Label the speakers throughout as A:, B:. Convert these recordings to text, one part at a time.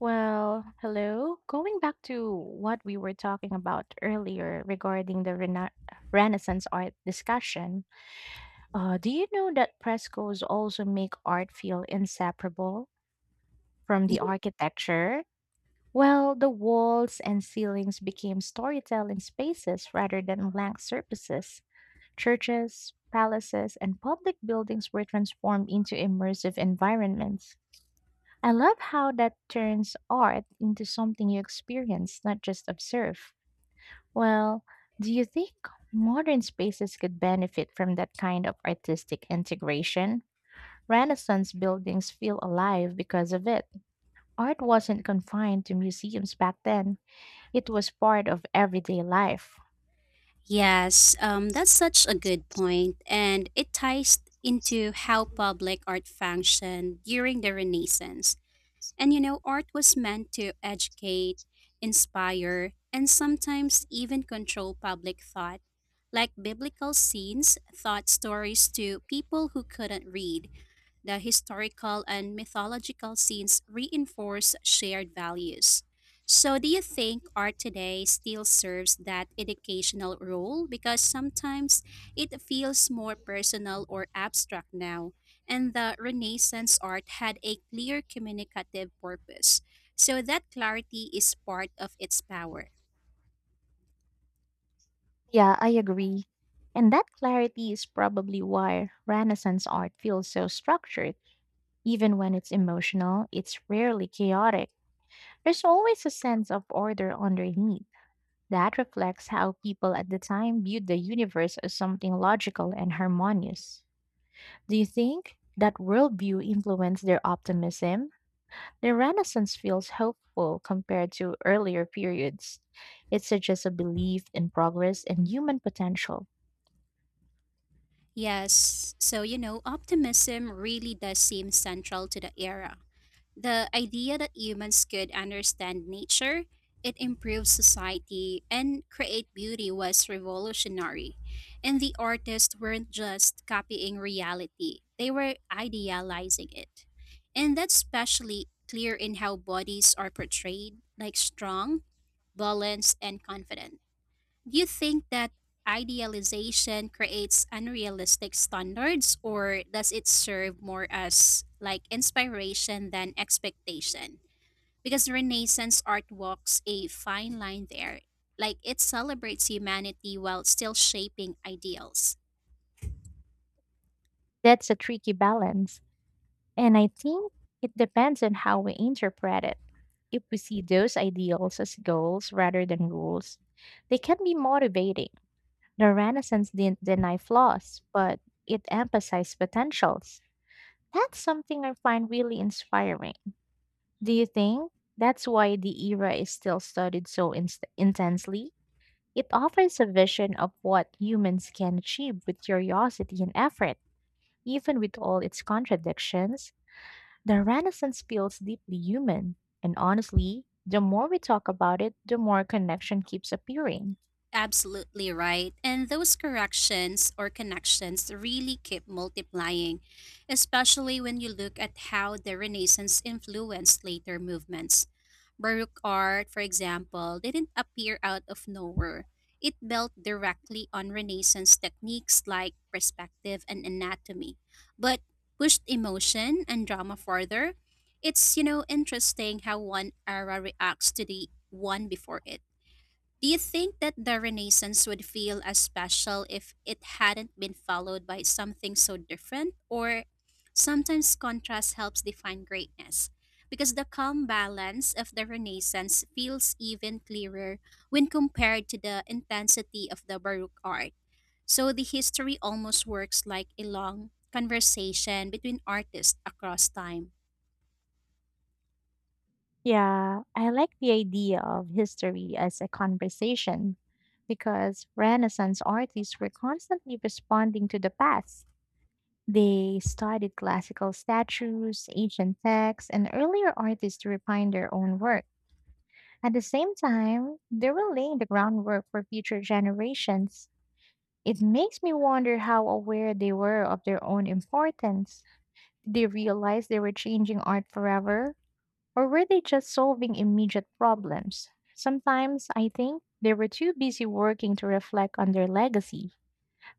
A: Well, hello. Going back to what we were talking about earlier regarding the Renaissance art discussion, do you know that frescoes also make art feel inseparable from the architecture? Well, the walls and ceilings became storytelling spaces rather than blank surfaces. Churches, palaces, and public buildings were transformed into immersive environments. I love how that turns art into something you experience, not just observe. Well, do you think modern spaces could benefit from that kind of artistic integration? Renaissance buildings feel alive because of it. Art wasn't confined to museums back then, it was part of everyday life.
B: Yes, that's such a good point, and it ties into how public art functioned during the Renaissance. Art was meant to educate, inspire, and sometimes even control public thought. Like biblical scenes taught stories to people who couldn't read the historical and mythological scenes reinforce shared values. So, do you think art today still serves that educational role? Because sometimes it feels more personal or abstract now, and the Renaissance art had a clear communicative purpose. So, that clarity is part of its power.
A: Yeah, I agree. And that clarity is probably why Renaissance art feels so structured. Even when it's emotional, it's rarely chaotic. There's always a sense of order underneath that reflects how people at the time viewed the universe as something logical and harmonious. Do you think that worldview influenced their optimism? The Renaissance feels hopeful compared to earlier periods. It suggests a belief in progress and human potential.
B: Yes, optimism really does seem central to the era. The idea that humans could understand nature, it improves society, and create beauty was revolutionary. And the artists weren't just copying reality, they were idealizing it. And that's especially clear in how bodies are portrayed, like strong, balanced, and confident. Do you think that idealization creates unrealistic standards or does it serve more as like inspiration than expectation? Because Renaissance art walks a fine line there. Like it celebrates humanity while still shaping ideals.
A: That's a tricky balance, and I think it depends on how we interpret it. If we see those ideals as goals rather than rules, they can be motivating. The Renaissance didn't deny flaws, but it emphasized potentials. That's something I find really inspiring. Do you think that's why the era is still studied so inst intensely? It offers a vision of what humans can achieve with curiosity and effort, even with all its contradictions. The Renaissance feels deeply human, and honestly, the more we talk about it, the more connection keeps appearing.
B: Absolutely right. And those corrections or connections really keep multiplying, especially when you look at how the Renaissance influenced later movements. Baroque art, for example, didn't appear out of nowhere. It built directly on Renaissance techniques like perspective and anatomy, but pushed emotion and drama further. It's interesting how one era reacts to the one before it. Do you think that the Renaissance would feel as special if it hadn't been followed by something so different? Or sometimes contrast helps define greatness? Because the calm balance of the Renaissance feels even clearer when compared to the intensity of the Baroque art. So the history almost works like a long conversation between artists across time.
A: Yeah, I like the idea of history as a conversation because Renaissance artists were constantly responding to the past. They studied classical statues, ancient texts, and earlier artists to refine their own work. At the same time, they were laying the groundwork for future generations. It makes me wonder how aware they were of their own importance. Did they realize they were changing art forever? Or were they just solving immediate problems? Sometimes I think they were too busy working to reflect on their legacy.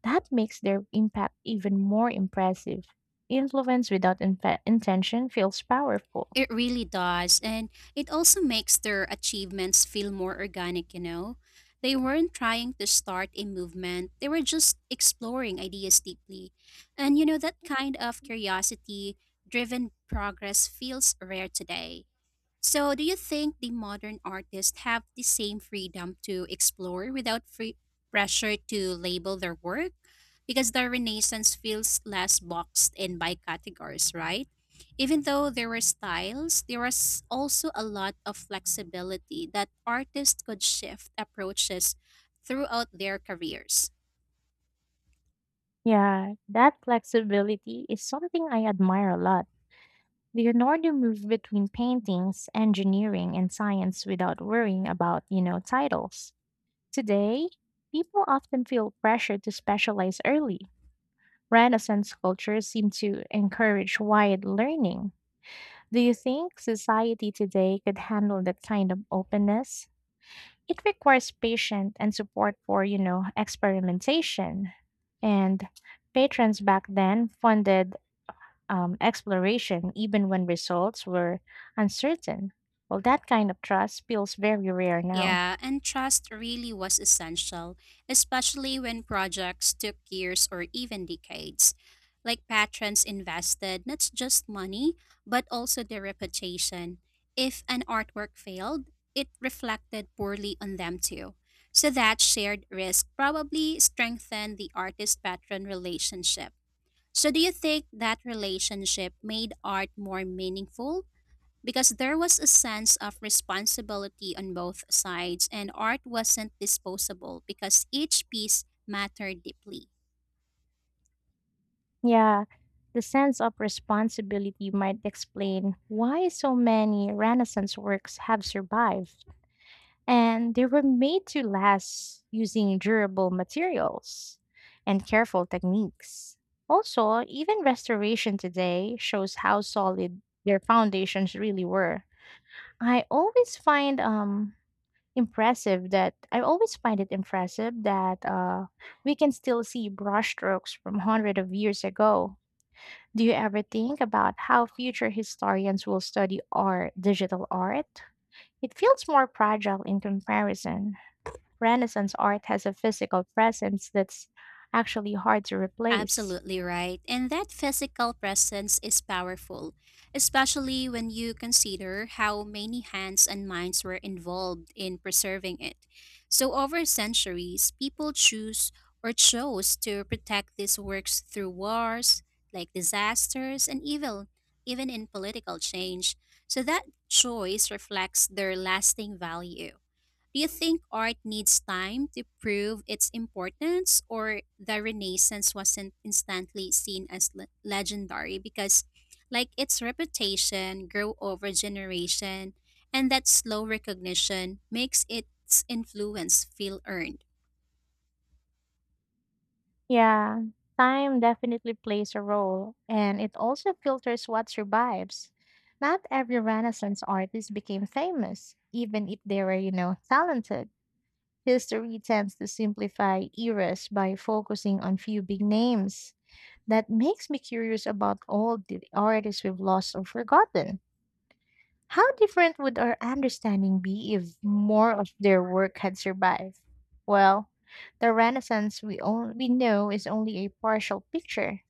A: That makes their impact even more impressive. Influence without intention feels powerful.
B: It really does. And it also makes their achievements feel more organic? They weren't trying to start a movement, they were just exploring ideas deeply. And that kind of curiosity driven progress feels rare today. So, do you think the modern artists have the same freedom to explore without free pressure to label their work? Because the Renaissance feels less boxed in by categories, right? Even though there were styles, there was also a lot of flexibility that artists could shift approaches throughout their careers.
A: Yeah, that flexibility is something I admire a lot. Leonardo moved between paintings, engineering, and science without worrying about, titles. Today, people often feel pressure to specialize early Renaissance culture seemed to encourage wide learning. Do you think society today could handle that kind of openness? It requires patience and support for, experimentation. And patrons back then funded exploration even when results were uncertain. Well, that kind of trust feels very rare now.
B: Yeah, and trust really was essential, especially when projects took years or even decades. Like patrons invested not just money, but also their reputation. If an artwork failed, it reflected poorly on them too. So that shared risk probably strengthened the artist patron relationship. So, do you think that relationship made art more meaningful because there was a sense of responsibility on both sides, and art wasn't disposable because each piece mattered deeply.
A: Yeah, the sense of responsibility might explain why so many Renaissance works have survived. And they were made to last using durable materials and careful techniques. Also, even restoration today shows how solid their foundations really were. I always find um I always find it impressive that we can still see brushstrokes from hundreds of years ago. Do you ever think about how future historians will study art, digital art? It feels more fragile in comparison. Renaissance art has a physical presence that's actually hard to replace.
B: Absolutely right. And that physical presence is powerful, especially when you consider how many hands and minds were involved in preserving it. So, over centuries, people choose or chose to protect these works through wars, like disasters, even in political change. So, that choice reflects their lasting value. Do you think art needs time to prove its importance, or the Renaissance wasn't instantly seen as legendary because, like, its reputation grew over generation, and that slow recognition makes its influence feel earned?
A: Yeah, time definitely plays a role, and it also filters what survives. Not every Renaissance artist became famous, even if they were, talented. History tends to simplify eras by focusing on few big names. That makes me curious about all the artists we've lost or forgotten. How different would our understanding be if more of their work had survived? Well, the Renaissance we know is only a partial picture.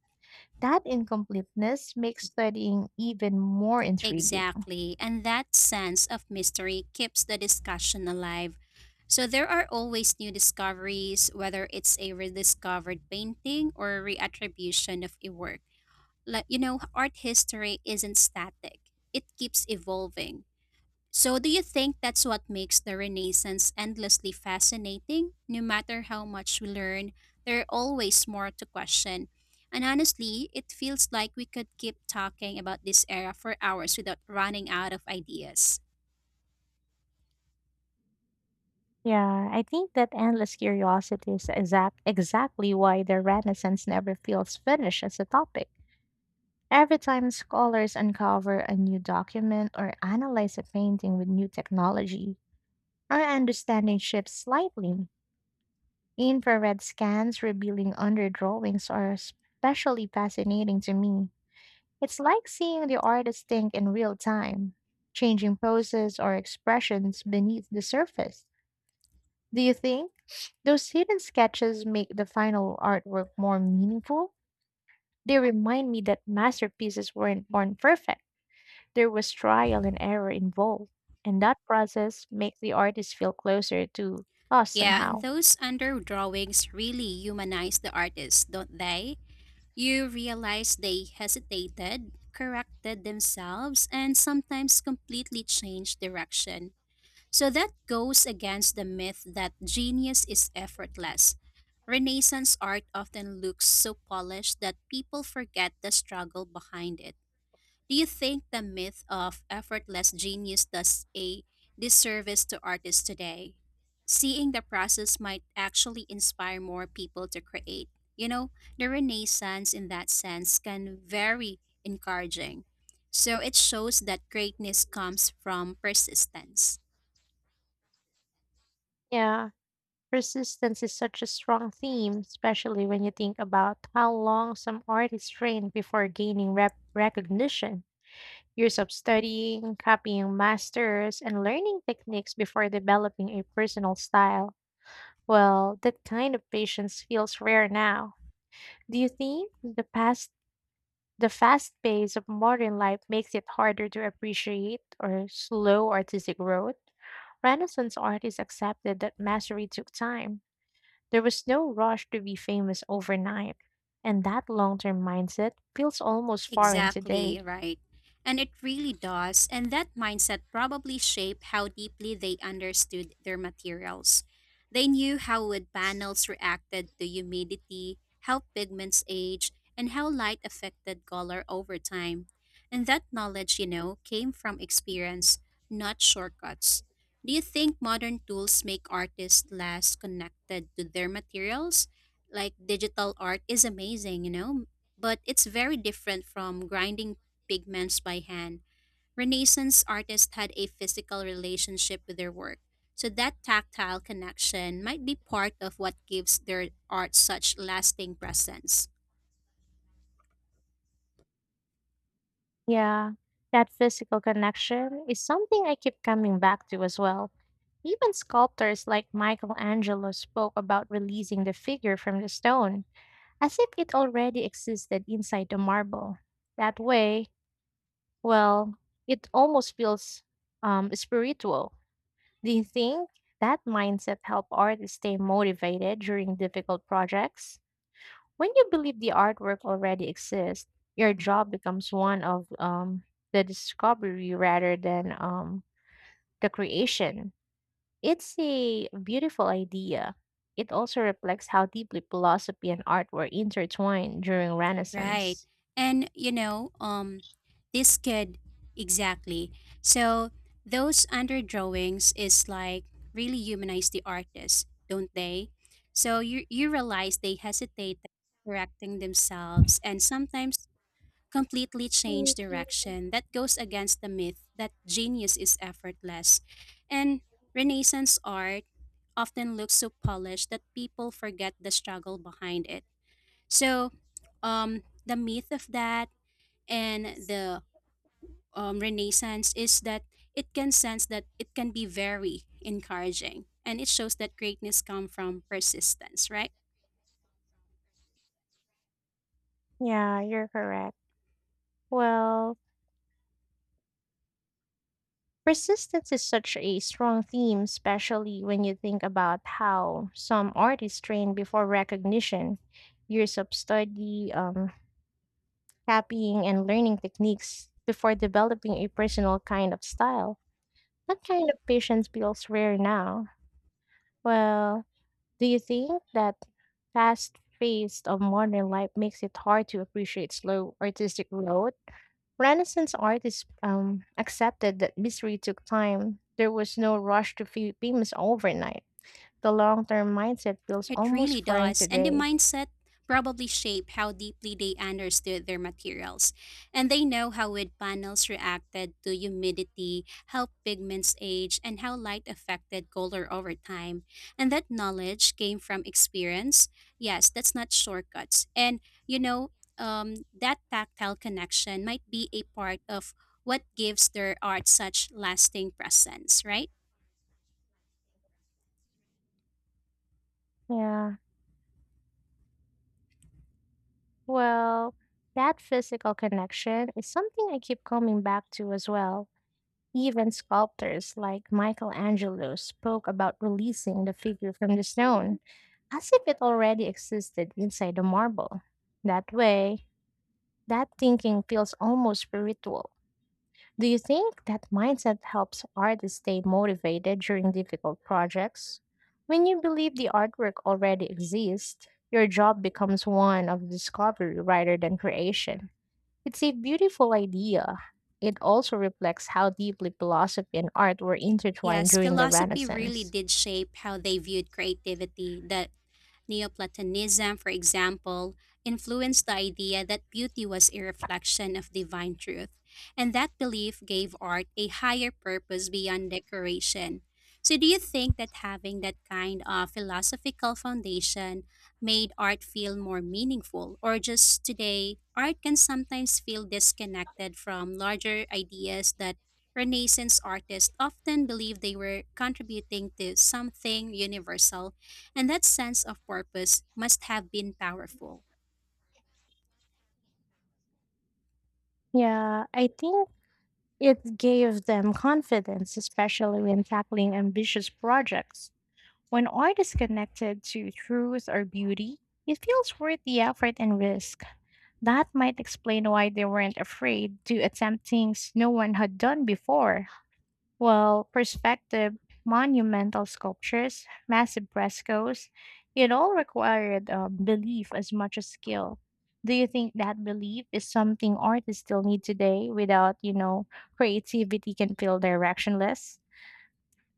A: That incompleteness makes studying even more intriguing.
B: Exactly, and that sense of mystery keeps the discussion alive. So there are always new discoveries, whether it's a rediscovered painting or a reattribution of a work. Like, art history isn't static, it keeps evolving. So do you think that's what makes the Renaissance endlessly fascinating? No matter how much we learn, there are always more to question, and honestly it feels like we could keep talking about this era for hours without running out of ideas.
A: Yeah, I think that endless curiosity is exactly why the Renaissance never feels finished as a topic. Every time scholars uncover a new document or analyze a painting with new technology, our understanding shifts slightly. Infrared scans revealing underdrawings are especially fascinating to me. It's like seeing the artist think in real time, changing poses or expressions beneath the surface. Do you think those hidden sketches make the final artwork more meaningful? They remind me that masterpieces weren't born perfect. There was trial and error involved, and that process makes the artist feel closer to us
B: Yeah, and
A: somehow.
B: those under drawings really humanize the artist, don't they? You realize they hesitated, corrected themselves, and sometimes completely changed direction. So that goes against the myth that genius is effortless. Renaissance art often looks so polished that people forget the struggle behind it. Do you think the myth of effortless genius does a disservice to artists today? Seeing the process might actually inspire more people to create. You know, the Renaissance in that sense can very encouraging. So it shows that greatness comes from persistence.
A: Yeah, persistence is such a strong theme, especially when you think about how long some artists train before gaining recognition. Years of studying, copying masters, and learning techniques before developing a personal style. Well, that kind of patience feels rare now. Do you think the fast pace of modern life makes it harder to appreciate or slow artistic growth? Renaissance artists accepted that mastery took time there was no rush to be famous overnight, and that long term mindset feels almost foreign today.
B: Exactly, right. And it really does. And that mindset probably shaped how deeply they understood their materials. They knew how wood panels reacted to humidity, how pigments age, and how light affected color over time. And that knowledge came from experience, not shortcuts. Do you think modern tools make artists less connected to their materials? Like digital art is amazing, but it's very different from grinding pigments by hand. Renaissance artists had a physical relationship with their work, so that tactile connection might be part of what gives their art such lasting presence.
A: Yeah, that physical connection is something I keep coming back to as well. Even sculptors like Michelangelo spoke about releasing the figure from the stone, as if it already existed inside the marble. That way, well, it almost feels spiritual. Do you think that mindset help artists stay motivated during difficult projects? When you believe the artwork already exists, your job becomes one of the discovery rather than the creation. It's a beautiful idea. It also reflects how deeply philosophy and art were intertwined during
B: Right.
A: Renaissance.
B: And this could exactly. So those underdrawings is like really humanize the artist, don't they? So you realize they hesitate correcting themselves and sometimes completely change direction that goes against the myth that genius is effortless. And Renaissance art often looks so polished that people forget the struggle behind it. So, the myth of that and the Renaissance is that it can sense that it can be very encouraging and it shows that greatness comes from persistence, right?
A: Yeah, you're correct. Well, persistence is such a strong theme, especially when you think about how some artists train before recognition, years of study, copying, and learning techniques before developing a personal kind of style. That kind of patience feels rare now. Well, do you think that fast pace of modern life makes it hard to appreciate slow artistic growth? Renaissance artists accepted that mystery took time. There was no rush to famous overnight. The long term mindset feels
B: It
A: almost
B: really
A: foreign
B: does. And the
A: today.
B: mindset probably shape how deeply they understood their materials. And they know how wood panels reacted to humidity, how pigments age, and how light affected color over time. And that knowledge came from experience. Yes, that's not shortcuts. And, you know, that tactile connection might be a part of what gives their art such lasting presence, right?
A: Yeah. Well, that physical connection is something I keep coming back to as well. Even sculptors like Michelangelo spoke about releasing the figure from the stone as if it already existed inside the marble. That way, that thinking feels almost spiritual. Do you think that mindset helps artists stay motivated during difficult projects? When you believe the artwork already exists, your job becomes one of discovery rather than creation. It's a beautiful idea. It also reflects how deeply philosophy and art were intertwined
B: Yes,
A: during the
B: philosophy really
A: Renaissance.
B: did shape how they viewed creativity. The Neoplatonism, for example, influenced the idea that beauty was a reflection of divine truth, and that belief gave art a higher purpose beyond decoration. So, do you think that having that kind of philosophical foundation made art feel more meaningful, or just today, art can sometimes feel disconnected from larger ideas that Renaissance artists often believed they were contributing to something universal? And that sense of purpose must have been powerful.
A: Yeah, I think it gave them confidence, especially when tackling ambitious projects. When art is connected to truth or beauty, it feels worth the effort and risk. That might explain why they weren't afraid to attempt things no one had done before. Well, perspective, monumental sculptures, massive frescoes, it all required belief as much as skill. Do you think that belief is something artists still need today without, creativity can feel directionless?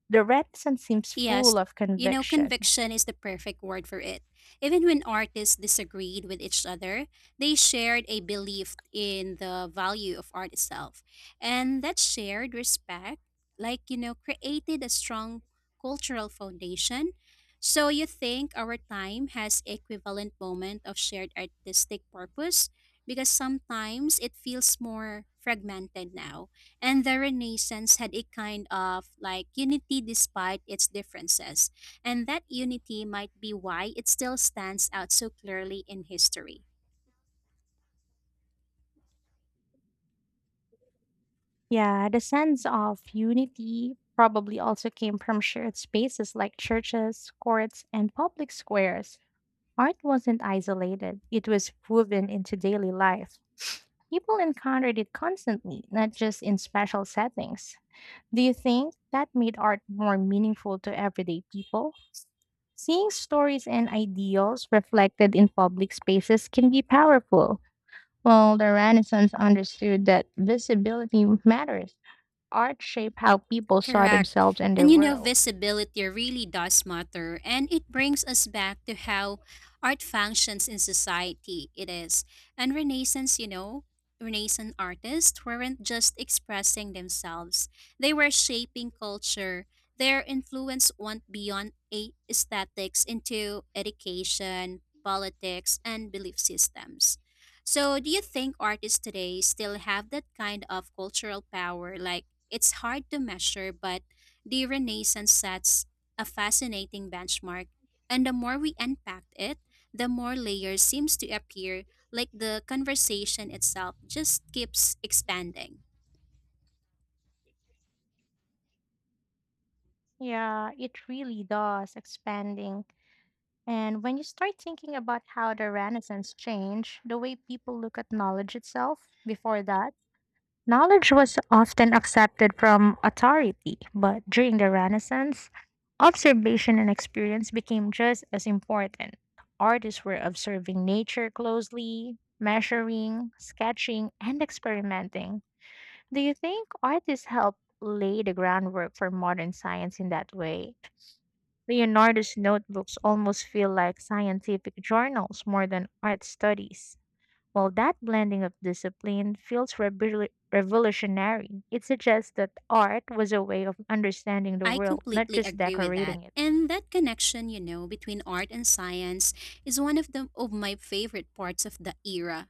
A: The Renaissance seems
B: Yes,
A: full of conviction.
B: conviction is the perfect word for it. Even when artists disagreed with each other, they shared a belief in the value of art itself. And that shared respect created a strong cultural foundation. So you think our time has equivalent moment of shared artistic purpose because sometimes it feels more fragmented now. And the Renaissance had a kind of like unity despite its differences, and that unity might be why it still stands out so clearly in history.
A: Yeah, the sense of unity probably also came from shared spaces like churches, courts, and public squares. Art wasn't isolated, it was woven into daily life. People encountered it constantly, not just in special settings. Do you think that made art more meaningful to everyday people? Seeing stories and ideals reflected in public spaces can be powerful. Well, the Renaissance understood that visibility matters art shaped how people saw
B: Correct.
A: themselves and their world.
B: Visibility really does matter, and it brings us back to how art functions in society. It is. And Renaissance artists weren't just expressing themselves, they were shaping culture. Their influence went beyond aesthetics into education, politics, and belief systems. So, do you think artists today still have that kind of cultural power? Like, it's hard to measure, but the Renaissance sets a fascinating benchmark, and the more we unpack it, the more layers seems to appear, like the conversation itself just keeps expanding.
A: Yeah, it really does, expanding. And when you start thinking about how the Renaissance changed the way people look at knowledge itself, before that, knowledge was often accepted from authority, but during the Renaissance, observation and experience became just as important. Artists were observing nature closely, measuring, sketching, and experimenting. Do you think artists helped lay the groundwork for modern science in that way? Leonardo's notebooks almost feel like scientific journals more than art studies. Well, that blending of discipline feels revolutionary. It suggests that art was a way of understanding the
B: I
A: world, not
B: completely
A: just
B: agree with that.
A: decorating it.
B: And that connection between art and science is one of the of my favorite parts of the era.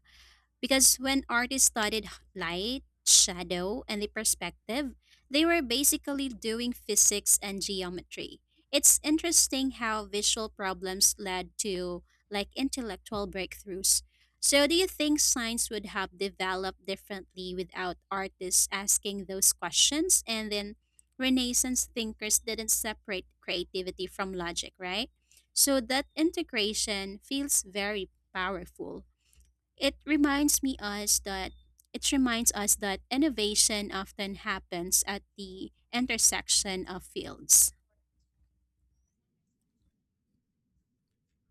B: Because when artists studied light, shadow, and the perspective, they were basically doing physics and geometry. It's interesting how visual problems led to like intellectual breakthroughs. So do you think science would have developed differently without artists asking those questions and then Renaissance thinkers didn't separate creativity from logic, right? So that integration feels very powerful. It reminds me us that it reminds us that innovation often happens at the intersection of fields.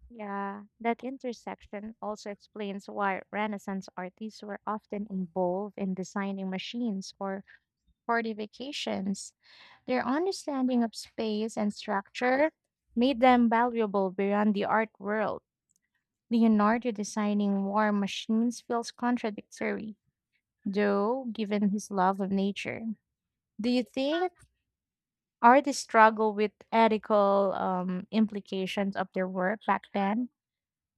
A: Yeah, that intersection also explains why Renaissance artists were often involved in designing machines or party vacations. Their understanding of space and structure made them valuable beyond the art world. Leonardo designing war machines feels contradictory, though, given his love of nature. Do you think artists struggle with ethical implications of their work back then?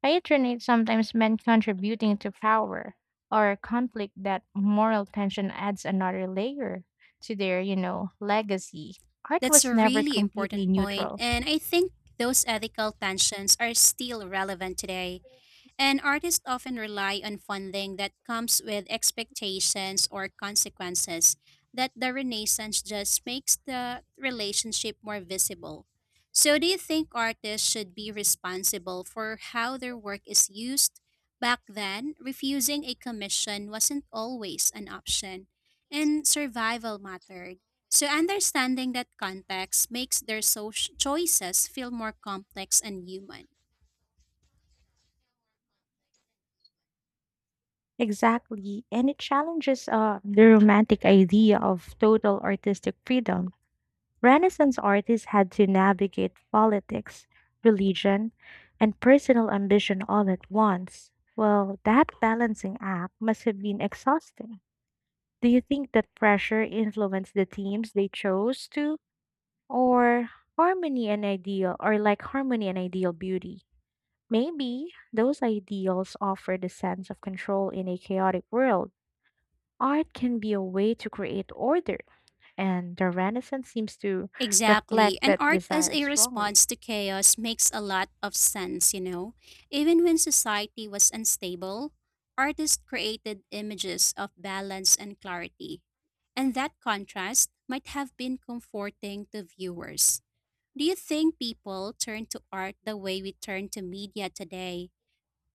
A: Patronage sometimes meant contributing to power or conflict that moral tension adds another layer to their, legacy. Art
B: That's
A: was
B: a
A: never
B: really
A: completely
B: important point,
A: neutral.
B: and I think those ethical tensions are still relevant today. And artists often rely on funding that comes with expectations or consequences that the Renaissance just makes the relationship more visible. So, do you think artists should be responsible for how their work is used? Back then, refusing a commission wasn't always an option, and survival mattered. So, understanding that context makes their social choices feel more complex and human.
A: Exactly, and it challenges the romantic idea of total artistic freedom. Renaissance artists had to navigate politics, religion, and personal ambition all at once. Well, that balancing act must have been exhausting. Do you think that pressure influenced the teams they chose to? Or harmony and ideal, or like harmony and ideal beauty? Maybe those ideals offered a sense of control in a chaotic world. Art can be a way to create order and the Renaissance seems to
B: Exactly.
A: reflect
B: And
A: that
B: art as
A: desire
B: a
A: strongly.
B: response to chaos makes a lot of sense. Even when society was unstable, artists created images of balance and clarity. And that contrast might have been comforting to viewers. Do you think people turn to art the way we turn to media today?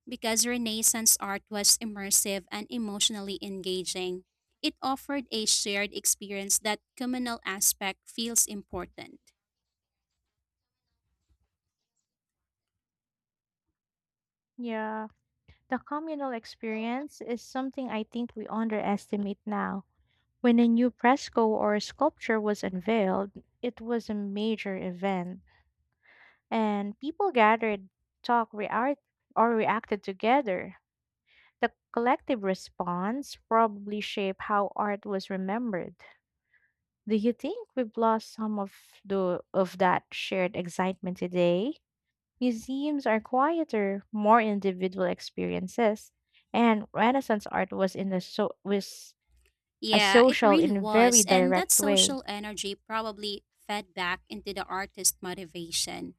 B: Because Renaissance art was immersive and emotionally engaging, it offered a shared experience that communal aspect feels important.
A: Yeah, the communal experience is something I think we underestimate now. When a new fresco or sculpture was unveiled, it was a major event, and people gathered, talked, or reacted together. The collective response probably shaped how art was remembered. Do you think we've lost some of the of that shared excitement today? Museums are quieter, more individual experiences, and Renaissance art was a
B: Yeah, it
A: social
B: really
A: in a very
B: was. And that
A: direct way.
B: social energy probably fed back into the artist motivation.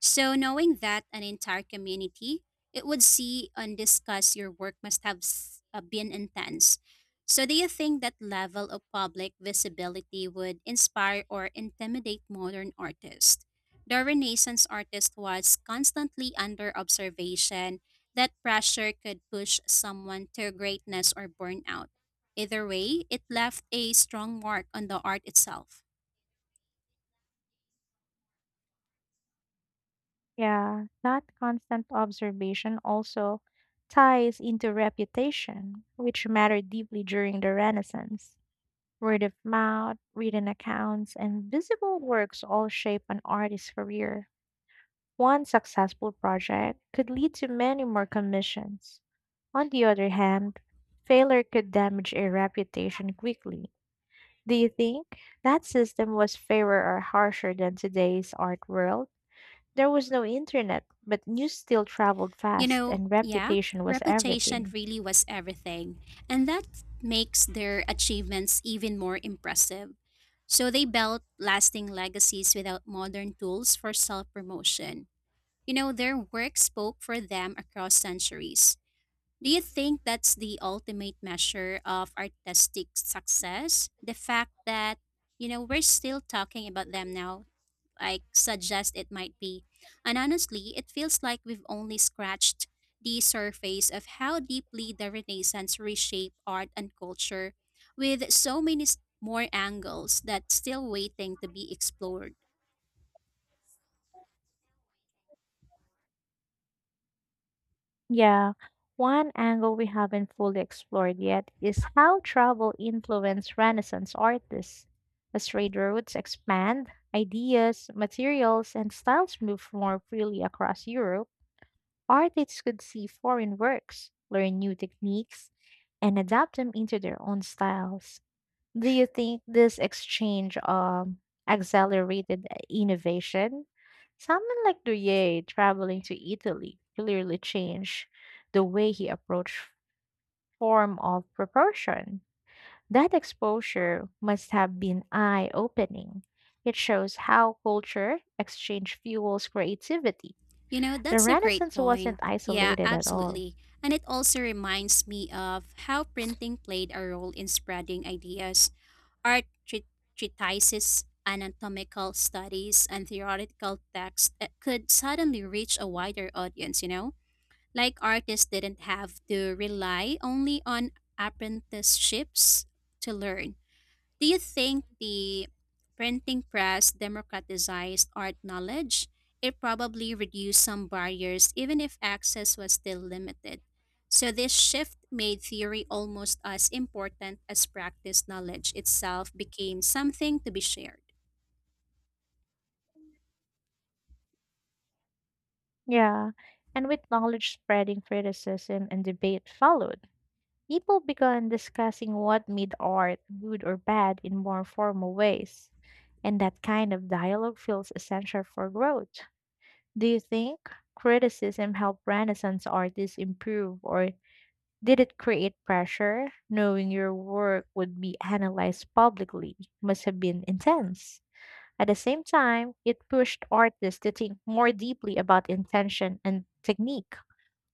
B: So, knowing that an entire community, it would see and discuss your work must have been intense. So, do you think that level of public visibility would inspire or intimidate modern artists? The Renaissance artist was constantly under observation. That pressure could push someone to greatness or burnout. Either way, it left a strong mark on the art itself.
A: Yeah, that constant observation also ties into reputation, which mattered deeply during the Renaissance. Word of mouth, written accounts, and visible works all shape an artist's career. One successful project could lead to many more commissions. On the other hand, failure could damage a reputation quickly. Do you think that system was fairer or harsher than today's art world? There was no internet, but news still traveled fast and
B: Yeah,
A: reputation was
B: reputation
A: everything.
B: really was everything, and that makes their achievements even more impressive. So they built lasting legacies without modern tools for self promotion. Their work spoke for them across centuries. Do you think that's the ultimate measure of artistic success? The fact that, we're still talking about them now like suggest it might be. And honestly, it feels like we've only scratched the surface of how deeply the Renaissance reshaped art and culture with so many more angles that's still waiting to be explored.
A: Yeah, one angle we haven't fully explored yet is how travel influenced Renaissance artists. As trade routes expand, ideas, materials, and styles move more freely across Europe, artists could see foreign works, learn new techniques, and adapt them into their own styles. Do you think this exchange accelerated innovation? Someone like Durier traveling to Italy clearly changed the way he approached form of proportion. That exposure must have been eye opening. It shows how culture exchange fuels creativity.
B: You know,
A: The
B: that's a great
A: Renaissance wasn't
B: point. Yeah,
A: isolated at all.
B: absolutely. And it also reminds me of how printing played a role in spreading ideas. Art treatises, anatomical studies, and theoretical texts that could suddenly reach a wider audience? Like artists didn't have to rely only on apprenticeships to learn. Do you think the printing press democratized art knowledge? It probably reduced some barriers, even if access was still limited. So, this shift made theory almost as important as practice knowledge itself became something to be shared.
A: Yeah, and with knowledge spreading, criticism and debate followed. People began discussing what made art good or bad in more formal ways, and that kind of dialogue feels essential for growth. Do you think criticism helped Renaissance artists improve, or did it create pressure? Knowing your work would be analyzed publicly must have been intense. At the same time, it pushed artists to think more deeply about intention and technique.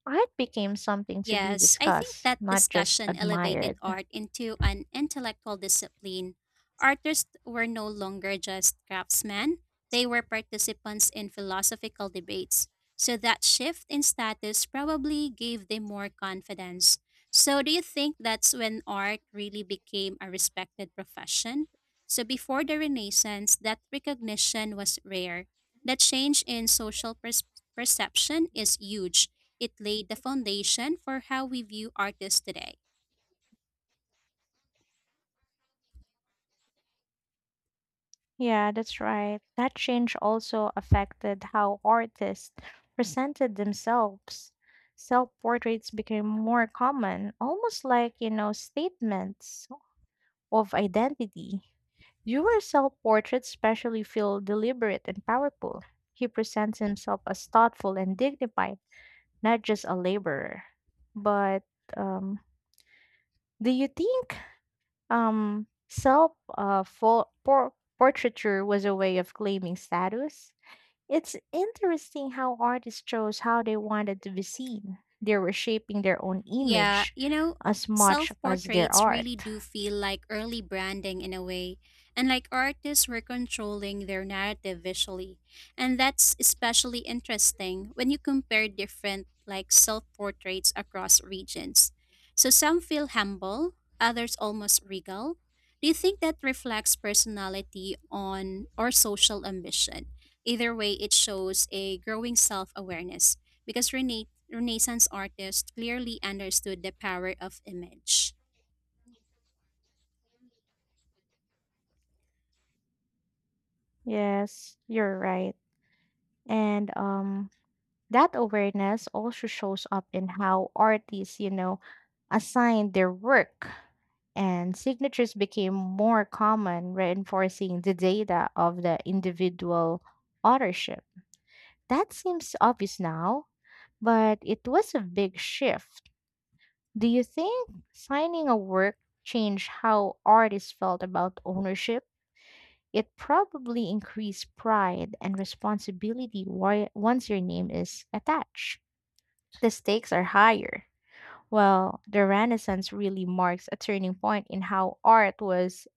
A: Art became something to be
B: Yes, I think
A: discussed,
B: that
A: not just
B: discussion elevated
A: admired.
B: art into an intellectual discipline. Artists were no longer just craftsmen, they were participants in philosophical debates. So that shift in status probably gave them more confidence. So, do you think that's when art really became a respected profession? So, before the Renaissance, that recognition was rare. The change in social perception is huge. It laid the foundation for how we view artists today.
A: Yeah, that's right. That change also affected how artists presented themselves. Self portraits became more common, almost like, statements of identity. Durer self portraits especially feel deliberate and powerful. He presents himself as thoughtful and dignified, not just a laborer. But um, do you think um, self portraiture was a way of claiming status? It's interesting how artists chose how they wanted to be seen. They were shaping their own
B: Yeah,
A: image as much
B: self
A: as their
B: portraits
A: art.
B: really do feel like early branding in a way. And like artists were controlling their narrative visually. And that's especially interesting when you compare different like self portraits across regions. So some feel humble, others almost regal. Do you think that reflects personality on or social ambition? Either way, it shows a growing self awareness because Renee Renaissance artists clearly understood the power of image.
A: Yes, you're right. And that awareness also shows up in how artists, assign their work and signatures became more common, reinforcing the data of the individual authorship. That seems obvious now, but it was a big shift. Do you think signing a work changed how artists felt about ownership? It probably increased pride and responsibility once your name is attached. The stakes are higher. Well, the Renaissance really marks a turning point in how art was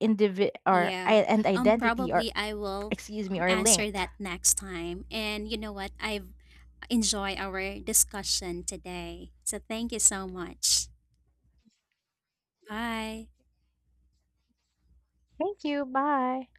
B: Yeah,
A: and identity are
B: probably I will
A: excuse me are
B: answer
A: linked.
B: that next time. And you know what? I've enjoyed our discussion today. So thank you so much. Bye.
A: Thank you. Bye.